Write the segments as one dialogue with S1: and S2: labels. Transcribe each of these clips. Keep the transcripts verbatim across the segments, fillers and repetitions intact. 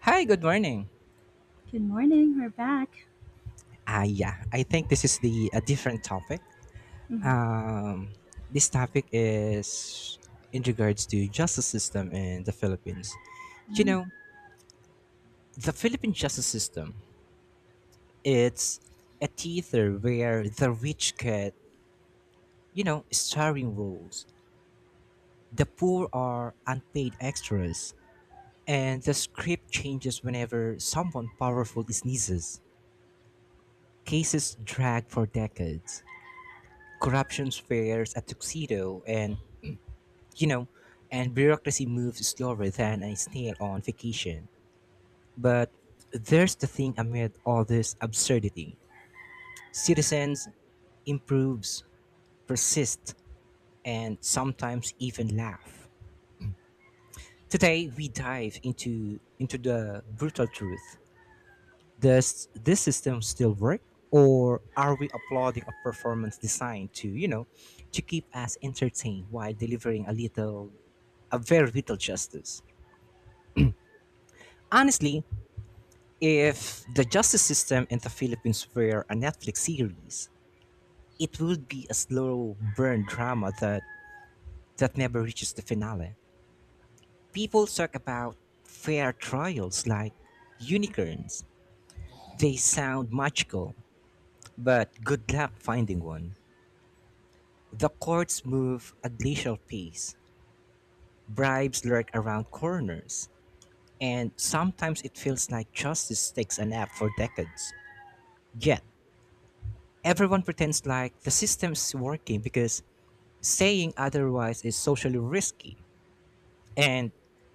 S1: Hi, good morning.
S2: Good morning, we're back.
S1: Ah, yeah, I think this is the a different topic.
S2: Mhm.
S1: Um, this topic is in regards to justice system in the Philippines. You
S2: Mm.
S1: know, the Philippine justice system, it's a theater where the rich get, you know, starring roles. The poor are unpaid extras, and the script changes whenever someone powerful sneezes. Cases drag for decades. Corruption wears a tuxedo, and you know, and bureaucracy moves slower than a snail on vacation. But there's the thing amid all this absurdity. Citizens improves, persist, and sometimes even laugh. Today we dive into into the brutal truth. Does this system still work? Or are we applauding a performance designed to, you know, to keep us entertained while delivering a little a very little justice? Honestly, if the justice system in the Philippines were a Netflix series, it would be a slow burn drama that, that never reaches the finale. People talk about fair trials like unicorns. They sound magical, but good luck finding one. The courts move at glacial pace, bribes lurk around corners, and sometimes it feels like justice takes a nap for decades. Yet, everyone pretends like the system's working because saying otherwise is socially risky. And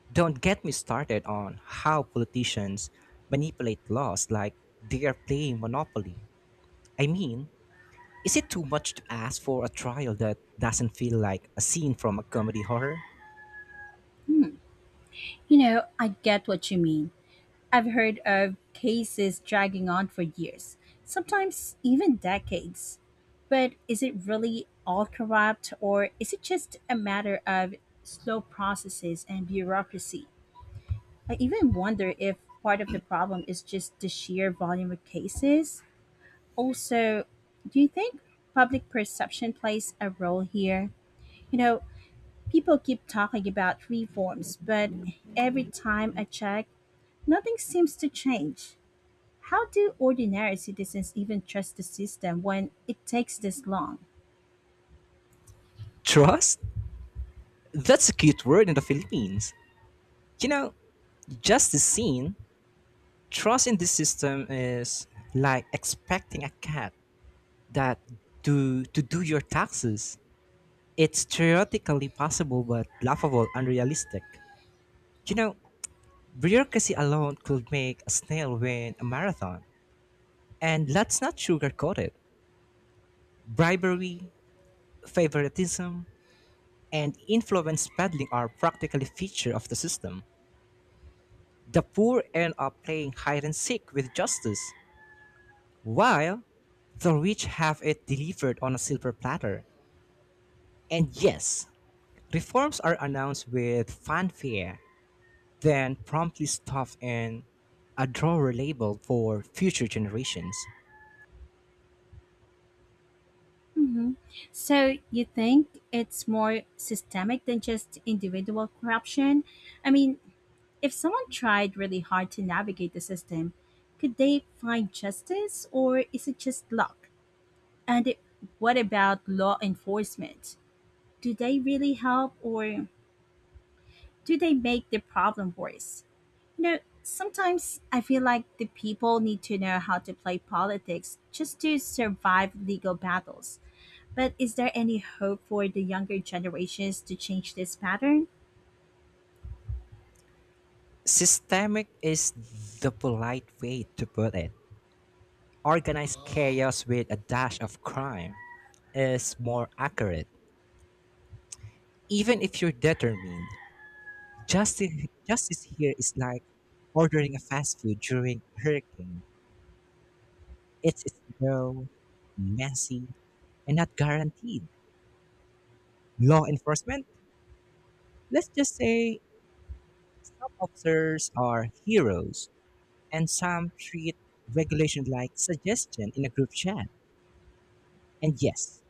S1: don't get me started on how politicians manipulate laws like they are playing Monopoly. I mean, is it too much to ask for a trial that doesn't feel like a scene from a comedy horror?
S2: Hmm. You know, I get what you mean. I've heard of cases dragging on for years, sometimes even decades. But is it really all corrupt, or is it just a matter of slow processes and bureaucracy? I even wonder if part of the problem is just the sheer volume of cases. Also, do you think public perception plays a role here? You know, people keep talking about reforms, but every time I check, nothing seems to change. How do ordinary citizens even trust the system when it takes this long?
S1: Trust? That's a cute word in the Philippines. You know, just the scene, trust in this system is like expecting a cat that to to do your taxes. It's theoretically possible but laughable, unrealistic. You know, Bureaucracy alone could make a snail win a marathon. And let's not sugarcoat it. Bribery, favoritism, and influence peddling are practically feature of the system. The poor end up playing hide and seek with justice, while the rich have it delivered on a silver platter. And yes, reforms are announced with fanfare, then promptly stuffed in a drawer labeled for future generations.
S2: Hmm. So, you think it's more systemic than just individual corruption? I mean, if someone tried really hard to navigate the system, could they find justice or is it just luck? And it, what about law enforcement? Do they really help or do they make the problem worse? You know, sometimes I feel like the people need to know how to play politics just to survive legal battles. But is there any hope for the younger generations to change this pattern?
S1: Systemic is the polite way to put it. Organized chaos with a dash of crime is more accurate. Even if you're determined, justice, justice here is like ordering a fast food during a hurricane. It's slow, messy, and not guaranteed. Law enforcement, let's just say some officers are heroes and some treat regulation like suggestion in a group chat. And yes,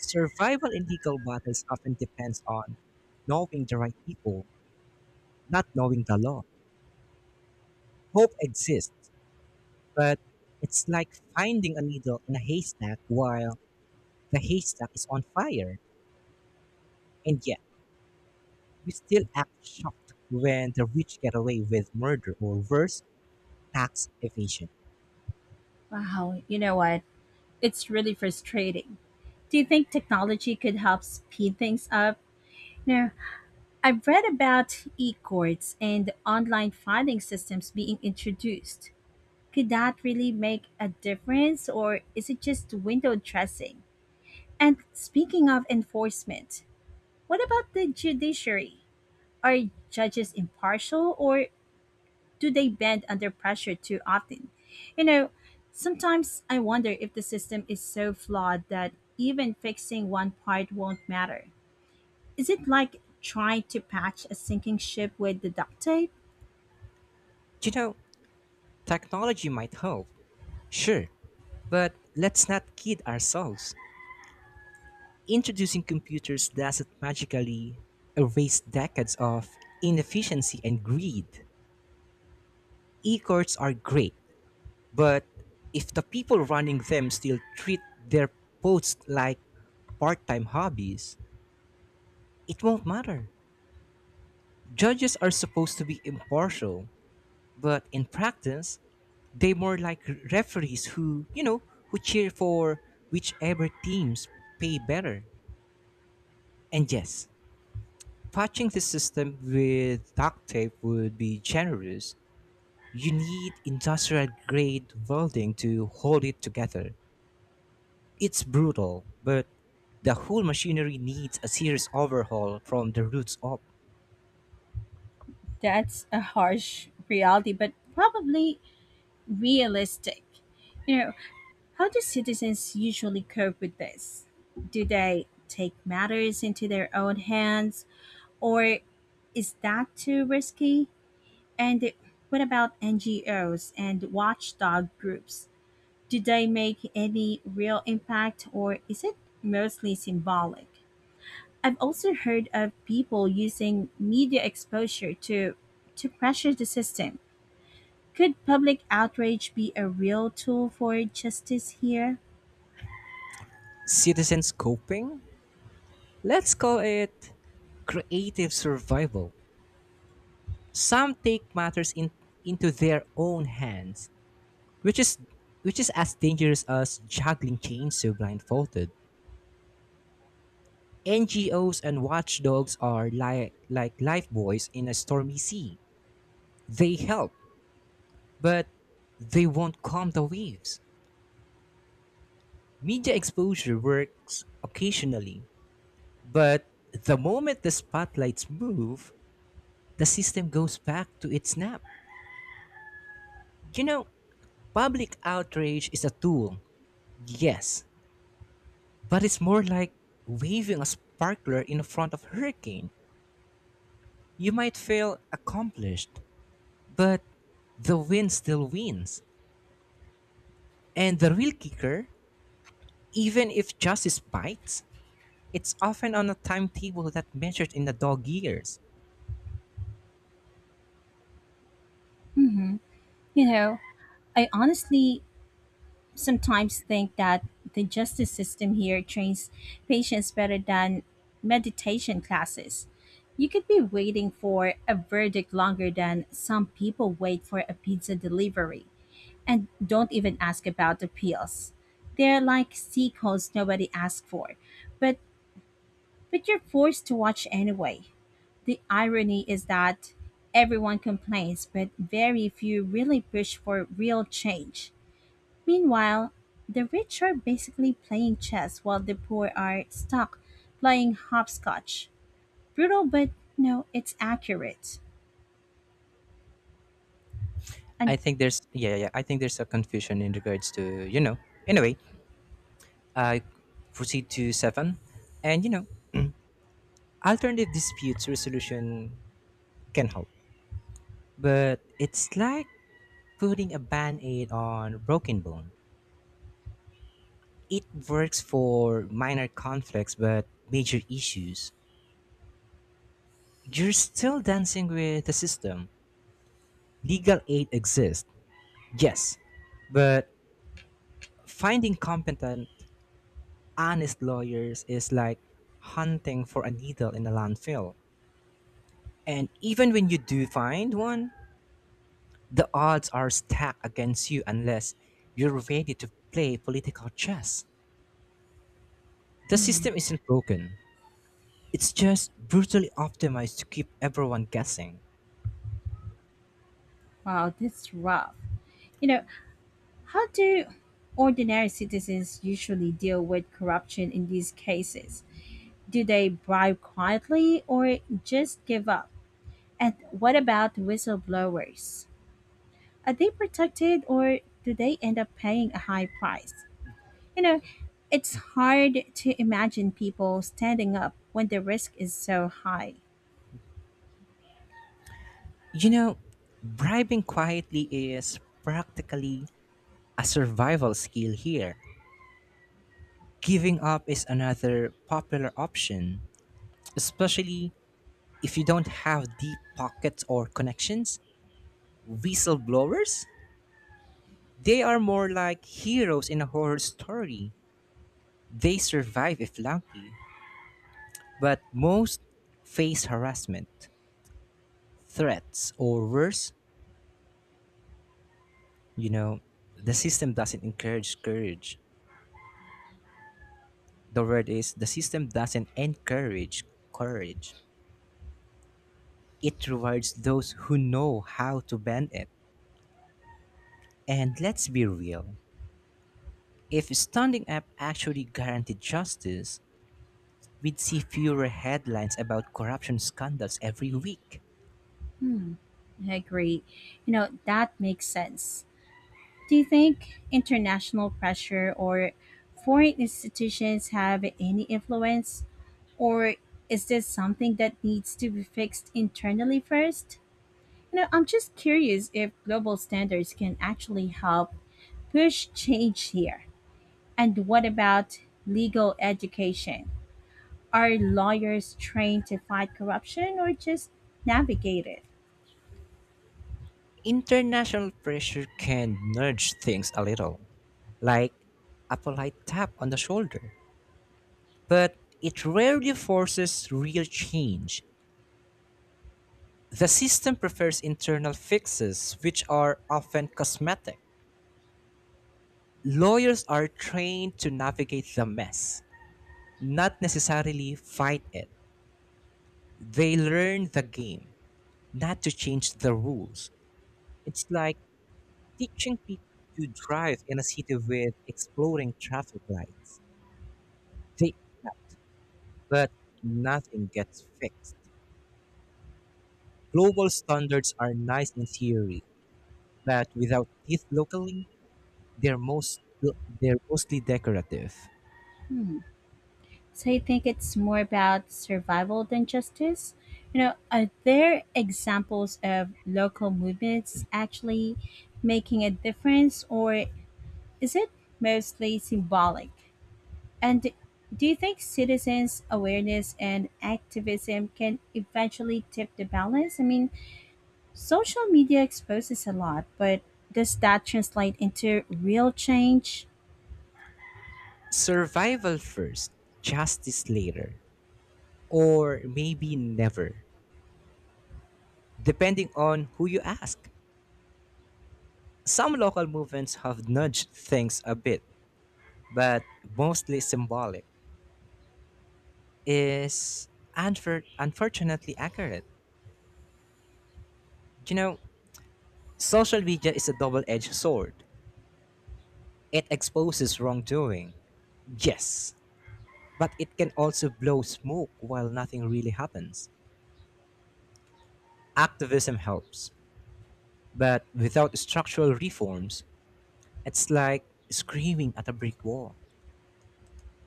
S1: survival in legal battles often depends on knowing the right people, not knowing the law. Hope exists, but it's like finding a needle in a haystack while the haystack is on fire. And yet, we still act shocked when the rich get away with murder or worse, tax evasion.
S2: Wow, you know what? It's really frustrating. Do you think technology could help speed things up? No, I've read about e courts and online filing systems being introduced. Could that really make a difference, or is it just window dressing? And speaking of enforcement, what about the judiciary? Are judges impartial, or do they bend under pressure too often? You know, sometimes I wonder if the system is so flawed that even fixing one part won't matter. Is it like trying to patch a sinking ship with the duct tape?
S1: You know, Technology might help, sure, but let's not kid ourselves. Introducing computers doesn't magically erase decades of inefficiency and greed. E courts are great, but if the people running them still treat their posts like part time hobbies, it won't matter. Judges are supposed to be impartial, but in practice, they more like referees who, you know, who cheer for whichever teams pay better. And yes, patching the system with duct tape would be generous. You need industrial grade welding to hold it together. It's brutal, but the whole machinery needs a serious overhaul from the roots up.
S2: That's a harsh reality, but probably realistic. You know, how do citizens usually cope with this? Do they take matters into their own hands, or is that too risky? And what about N G Os and watchdog groups? Do they make any real impact, or is it mostly symbolic? I've also heard of people using media exposure to to pressure the system. Could public outrage be a real tool for justice here?
S1: Citizens coping? Let's call it creative survival. Some take matters in, into their own hands, which is which is as dangerous as juggling chainsaw blindfolded. N G Os and watchdogs are like like lifebuoys in a stormy sea. They help, but they won't calm the waves. Media exposure works occasionally, but the moment the spotlights move, the system goes back to its nap. You know, Public outrage is a tool, yes, but it's more like waving a sparkler in front of a hurricane. You might feel accomplished, but the wind still wins. And the real kicker, even if justice bites, it's often on a timetable that measured in the dog years.
S2: Hmm. You know, I honestly sometimes think that the justice system here trains patients better than meditation classes. You could be waiting for a verdict longer than some people wait for a pizza delivery, and don't even ask about appeals. They're like sea codes nobody asked for, but but you're forced to watch anyway. The irony is that everyone complains, but very few really push for real change. Meanwhile, the rich are basically playing chess while the poor are stuck playing hopscotch. Brutal, but no, it's accurate. And
S1: I think there's Yeah, yeah, yeah, I think there's a confusion in regards to you know. Anyway, I proceed to seven, and you know, alternative disputes resolution can help, but it's like putting a band-aid on a broken bone. It works for minor conflicts, but major issues. You're still dancing with the system. Legal aid exists. Yes, but finding competent, honest lawyers is like hunting for a needle in a landfill. And even when you do find one, the odds are stacked against you unless you're ready to play political chess. The
S2: mm,
S1: system isn't broken, it's just brutally optimized to keep everyone guessing.
S2: wow, that's rough. You know, how do ordinary citizens usually deal with corruption in these cases? Do they bribe quietly or just give up? And what about whistleblowers? Are they protected or do they end up paying a high price? You know, it's hard to imagine people standing up when the risk is so high.
S1: You know, Bribing quietly is practically a survival skill here. Giving up is another popular option, especially if you don't have deep pockets or connections. Whistleblowers, they are more like heroes in a horror story. They survive if lucky, but most face harassment, threats, or worse, you know, the system doesn't encourage courage. The word is the system doesn't encourage courage. It rewards those who know how to bend it. And let's be real. If standing up actually guaranteed justice, we'd see fewer headlines about corruption scandals every week.
S2: Hmm, I agree. You know, that makes sense. Do you think international pressure or foreign institutions have any influence? Or is this something that needs to be fixed internally first? You know, I'm just curious if global standards can actually help push change here. And what about legal education? Are lawyers trained to fight corruption or just navigate it?
S1: International pressure can nudge things a little, like a polite tap on the shoulder, but it rarely forces real change. The system prefers internal fixes, which are often cosmetic. Lawyers are trained to navigate the mess, not necessarily fight it. They learn the game not to change the rules. It's like teaching people to drive in a city with exploding traffic lights. They adapt, but nothing gets fixed. Global standards are nice in theory, but without teeth locally, they're most they're mostly decorative.
S2: Hmm. So you think it's more about survival than justice? You know, are there examples of local movements actually making a difference or is it mostly symbolic? And d- do you think citizens' awareness and activism can eventually tip the balance? I mean, social media exposes a lot, but does that translate into real change?
S1: Survival first, justice later, or maybe never, depending on who you ask. Some local movements have nudged things a bit, but mostly symbolic, is unfor- unfortunately accurate. You know, Social media is a double edged sword. It exposes wrongdoing, yes, but it can also blow smoke while nothing really happens. Activism helps, but without structural reforms, it's like screaming at a brick wall.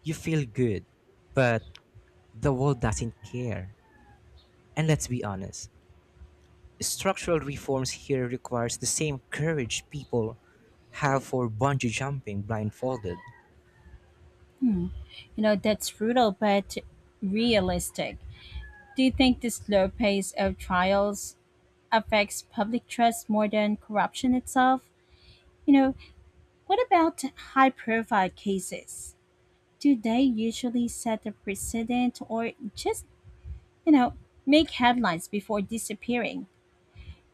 S1: You feel good, but the world doesn't care. And let's be honest, structural reforms here requires the same courage people have for bungee jumping blindfolded.
S2: You know, that's brutal but realistic. Do you think the slow pace of trials affects public trust more than corruption itself? You know, what about high profile cases? Do they usually set a precedent or just, you know, make headlines before disappearing?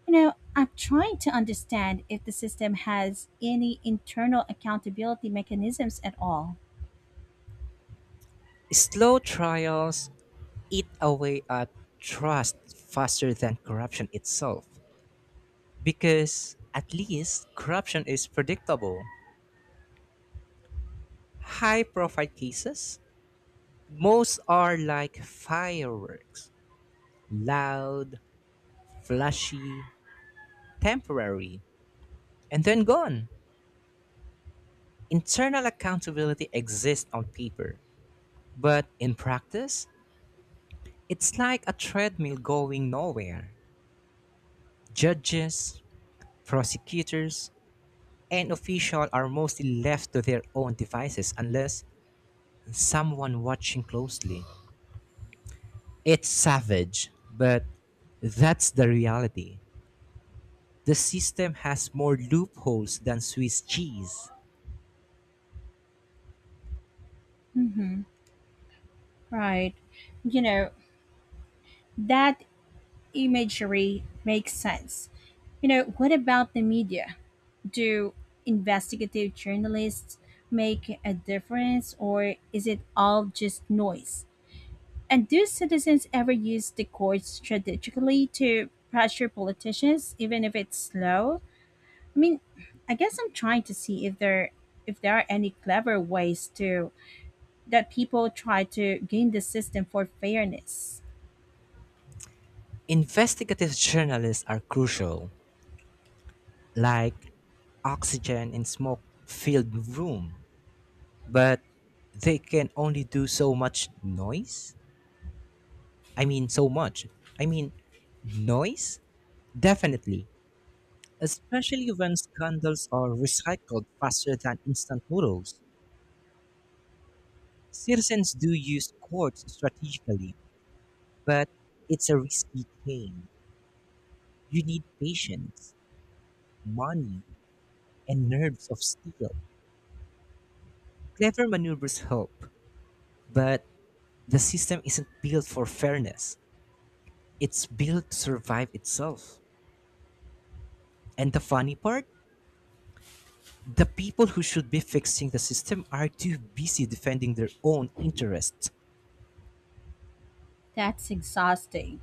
S2: You know, I'm trying to understand if the system has any internal accountability mechanisms at all.
S1: Slow trials eat away at trust faster than corruption itself because at least corruption is predictable. High profile cases, most are like fireworks loud, flashy, temporary, and then gone. Internal accountability exists on paper, but in practice, it's like a treadmill going nowhere. Judges, prosecutors, and officials are mostly left to their own devices unless someone watching closely. It's savage, but that's the reality. The system has more loopholes than Swiss cheese.
S2: Hmm. Right. You know, that imagery makes sense. You know, what about the media? Do investigative journalists make a difference or is it all just noise? And do citizens ever use the courts strategically to pressure politicians, even if it's slow? I mean, I guess I'm trying to see if there if there are any clever ways to that people try to game the system for fairness.
S1: Investigative journalists are crucial, like oxygen in smoke filled room, but they can only do so much noise. I mean, so much. I mean, noise? Definitely. Especially when scandals are recycled faster than instant noodles. Citizens do use courts strategically, but it's a risky game. You need patience, money, and nerves of steel. Clever maneuvers help, but the system isn't built for fairness. It's built to survive itself. And the funny part? The people who should be fixing the system are too busy defending their own interests.
S2: That's exhausting.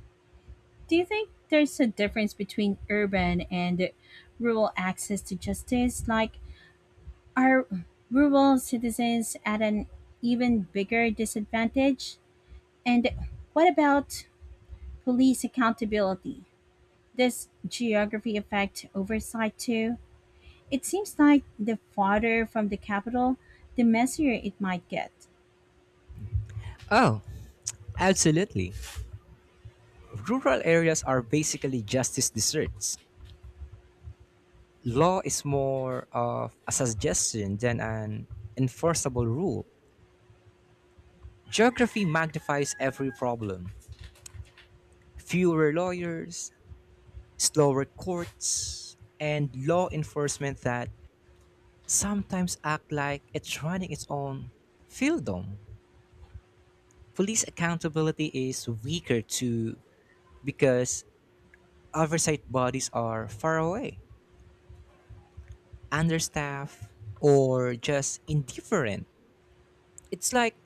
S2: Do you think there's a difference between urban and rural access to justice? Like, are rural citizens at an even bigger disadvantage? And what about police accountability? Does geography affect oversight too? It seems like the farther from the capital, the messier it might get.
S1: Oh, absolutely. Rural areas are basically justice desserts. Law is more of a suggestion than an enforceable rule. Geography magnifies every problem. Fewer lawyers, slower courts, and law enforcement that sometimes act like it's running its own fiefdom. Police accountability is weaker too because oversight bodies are far away, understaffed, or just indifferent. It's like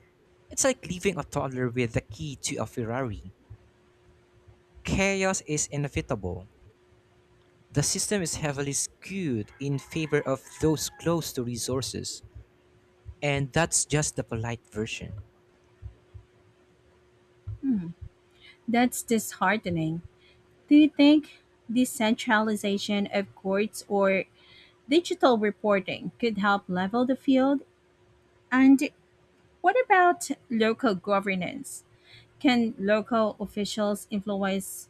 S1: it's like leaving a toddler with the key to a Ferrari. Chaos is inevitable. The system is heavily skewed in favor of those close to resources, and that's just the polite version.
S2: That's disheartening. Do you think decentralization of courts or digital reporting could help level the field? And what about local governance? Can local officials influence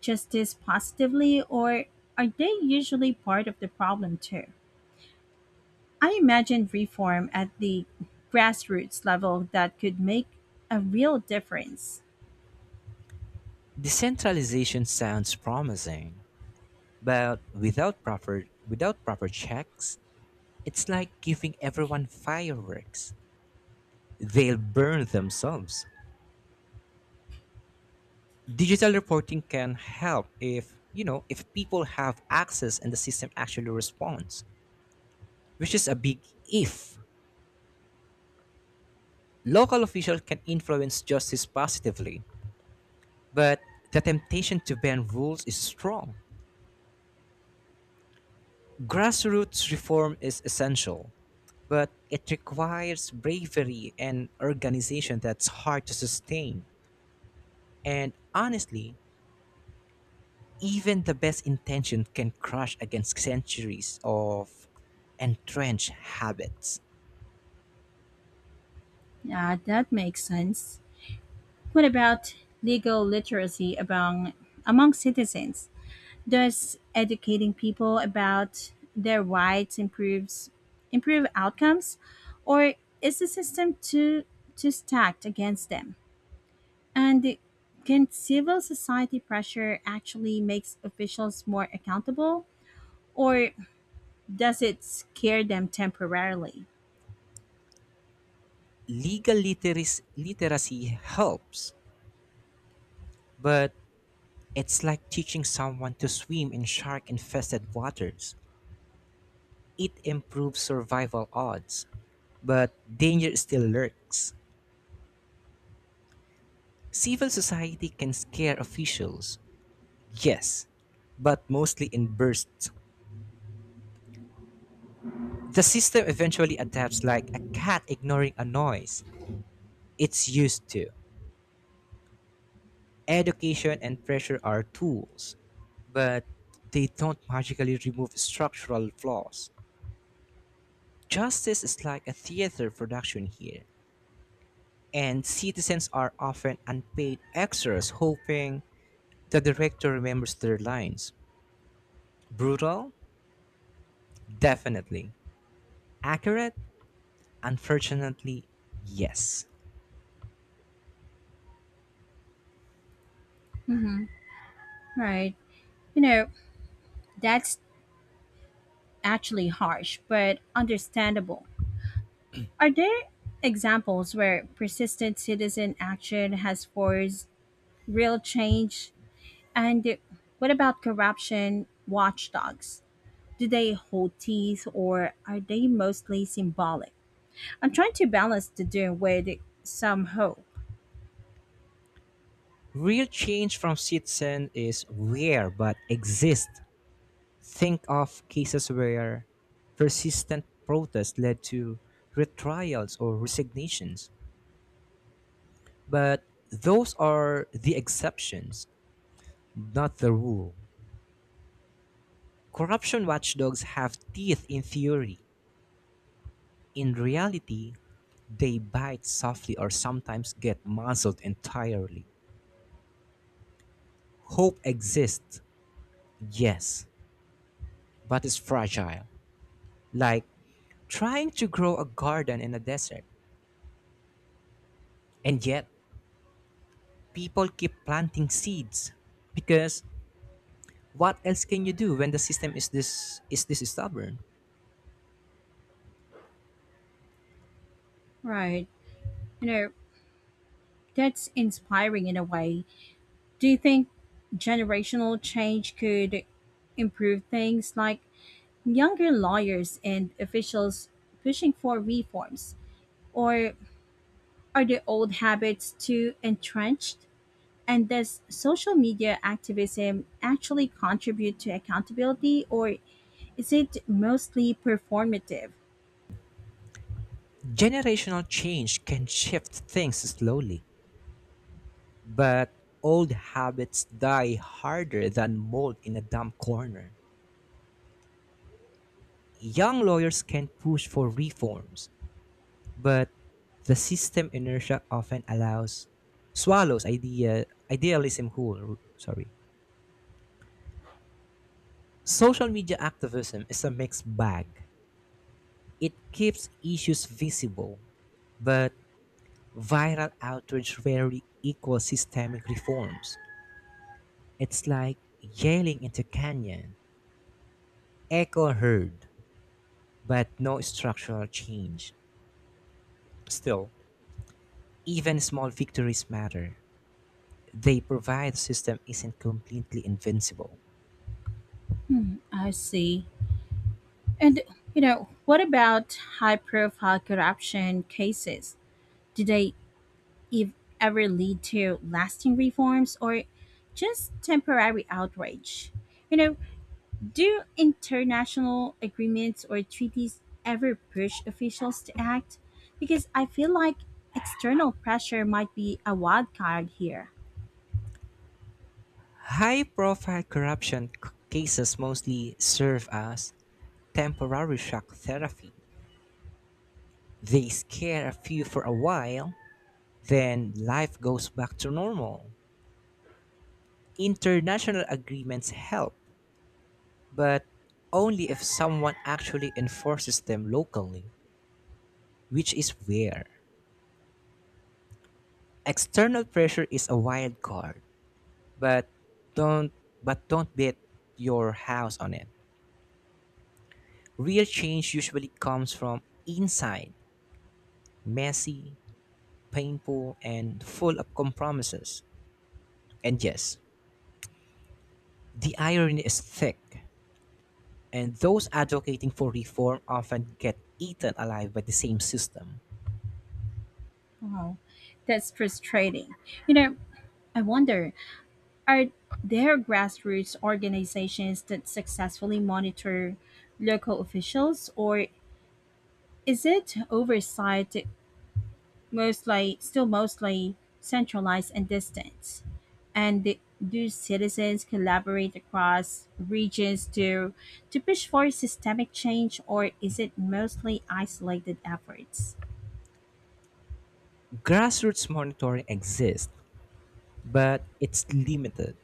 S2: justice positively, or are they usually part of the problem too? I imagine reform at the grassroots level that could make a real difference.
S1: Decentralization sounds promising, but without proper without proper checks, it's like giving everyone fireworks. They'll burn themselves. Digital reporting can help if, you know, if people have access and the system actually responds, which is a big if. Local officials can influence justice positively, but the temptation to bend rules is strong. Grassroots reform is essential, but it requires bravery and organization that's hard to sustain. And honestly, even the best intention can crush against centuries of entrenched habits.
S2: Yeah, that makes sense. What about legal literacy among among citizens? Does educating people about their rights improves improve outcomes, or is the system too too stacked against them? And can civil society pressure actually makes officials more accountable, or does it scare them temporarily?
S1: Legal literacy, literacy helps, but it's like teaching someone to swim in shark infested waters. It improves survival odds, but danger still lurks. Civil society can scare officials, yes, but mostly in bursts. The system eventually adapts like a cat ignoring a noise it's used to. Education and pressure are tools, but they don't magically remove structural flaws. Justice is like a theater production here, and citizens are often unpaid extras hoping the director remembers their lines. Brutal? Definitely. Accurate? Unfortunately, yes.
S2: Mm-hmm. Right. You know, that's actually harsh, but understandable. Are there examples where persistent citizen action has forced real change? And what about corruption watchdogs? Do they hold teeth or are they mostly symbolic? I'm trying to balance the two with some hope.
S1: Real change from citizen is rare but exists. Think of cases where persistent protest led to retrials or resignations. But those are the exceptions, not the rule. Corruption watchdogs have teeth in theory. In reality, they bite softly or sometimes get muzzled entirely. Hope exists, yes, but it's fragile, like trying to grow a garden in a desert. And yet, people keep planting seeds because what else can you do when the system is this is this stubborn?
S2: Right. You know, that's inspiring in a way. Do you think generational change could improve things like younger lawyers and officials pushing for reforms? Or are the old habits too entrenched? And does social media activism actually contribute to accountability or is it mostly performative?
S1: Generational change can shift things slowly, but old habits die harder than mold in a damp corner. Young lawyers can push for reforms, but the system inertia often allows swallows idea idealism who sorry. Social media activism is a mixed bag. It keeps issues visible, but viral outrage rarely equals systemic reforms. It's like yelling into a canyon. Echo heard, but no structural change. Still, even small victories matter. They provide the system isn't completely invincible.
S2: I see. And, you know, what about high profile corruption cases? Do they If ever lead to lasting reforms or just temporary outrage? You know, do international agreements or treaties ever push officials to act? Because I feel like external pressure might be a wild card here.
S1: High profile corruption c- cases mostly serve as temporary shock therapy. They scare a few for a while, then life goes back to normal. International agreements help, but only if someone actually enforces them locally, which is rare. External pressure is a wild card, but don't but don't bet your house on it. Real change usually comes from inside, messy, painful, and full of compromises. And yes, the irony is thick, and those advocating for reform often get eaten alive by the same system.
S2: Oh, that's frustrating. You know, I wonder, are there grassroots organizations that successfully monitor local officials, or is it oversight mostly still mostly centralized and distant? And th- do citizens collaborate across regions to to push for systemic change, or is it mostly isolated efforts?
S1: Grassroots monitoring exists, but it's limited,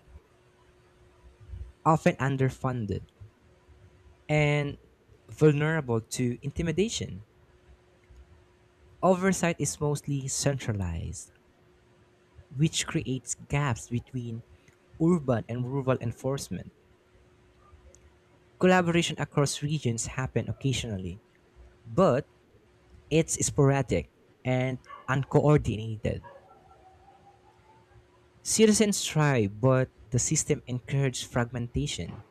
S1: often underfunded, and vulnerable to intimidation. Oversight is mostly centralized, which creates gaps between urban and rural enforcement. Collaboration across regions happen occasionally, but it's sporadic and uncoordinated. Citizens try, but the system encourages fragmentation.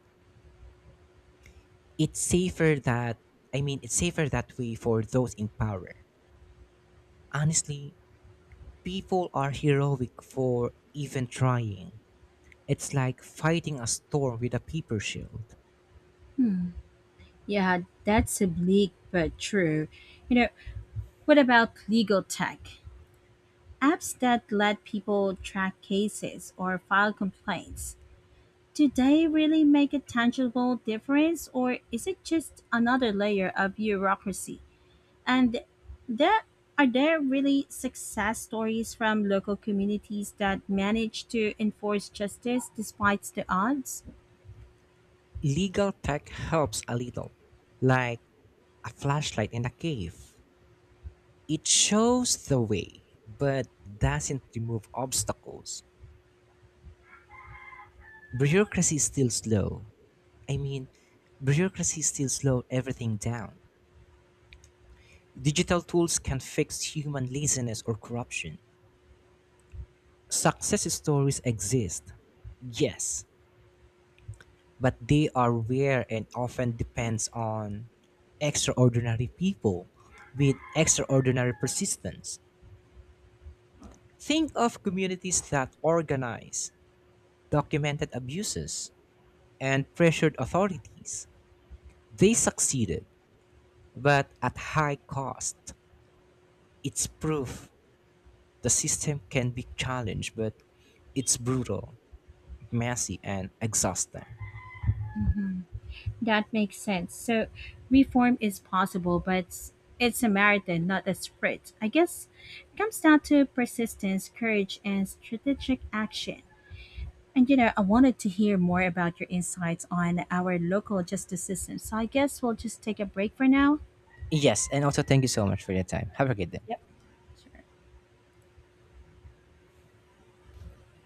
S1: It's safer that I mean, it's safer that way for those in power. Honestly, people are heroic for even trying. It's like fighting a storm with a paper shield.
S2: Yeah, that's a bleak but true. You know, what about legal tech? Apps that let people track cases or file complaints. Do they really make a tangible difference, or is it just another layer of bureaucracy? And there Are there really success stories from local communities that manage to enforce justice despite the odds?
S1: Legal tech helps a little, like a flashlight in a cave. It shows the way, but doesn't remove obstacles. Bureaucracy is still slow. I mean, bureaucracy is still slow everything down. Digital tools can fix human laziness or corruption. Success stories exist, yes, but they are rare and often depends on extraordinary people with extraordinary persistence. Think of communities that organize, documented abuses, and pressured authorities. They succeeded, but at high cost. It's proof the system can be challenged, but it's brutal, messy and exhausting.
S2: That makes sense. So reform is possible, but it's it's a marathon, not a sprint. I guess it comes down to persistence, courage, and strategic action. And you know, I wanted to hear more about your insights on our local justice system. So I guess we'll just take a break for now.
S1: Yes, and also thank you so much for your time. Have a good day.
S2: Yep. Sure.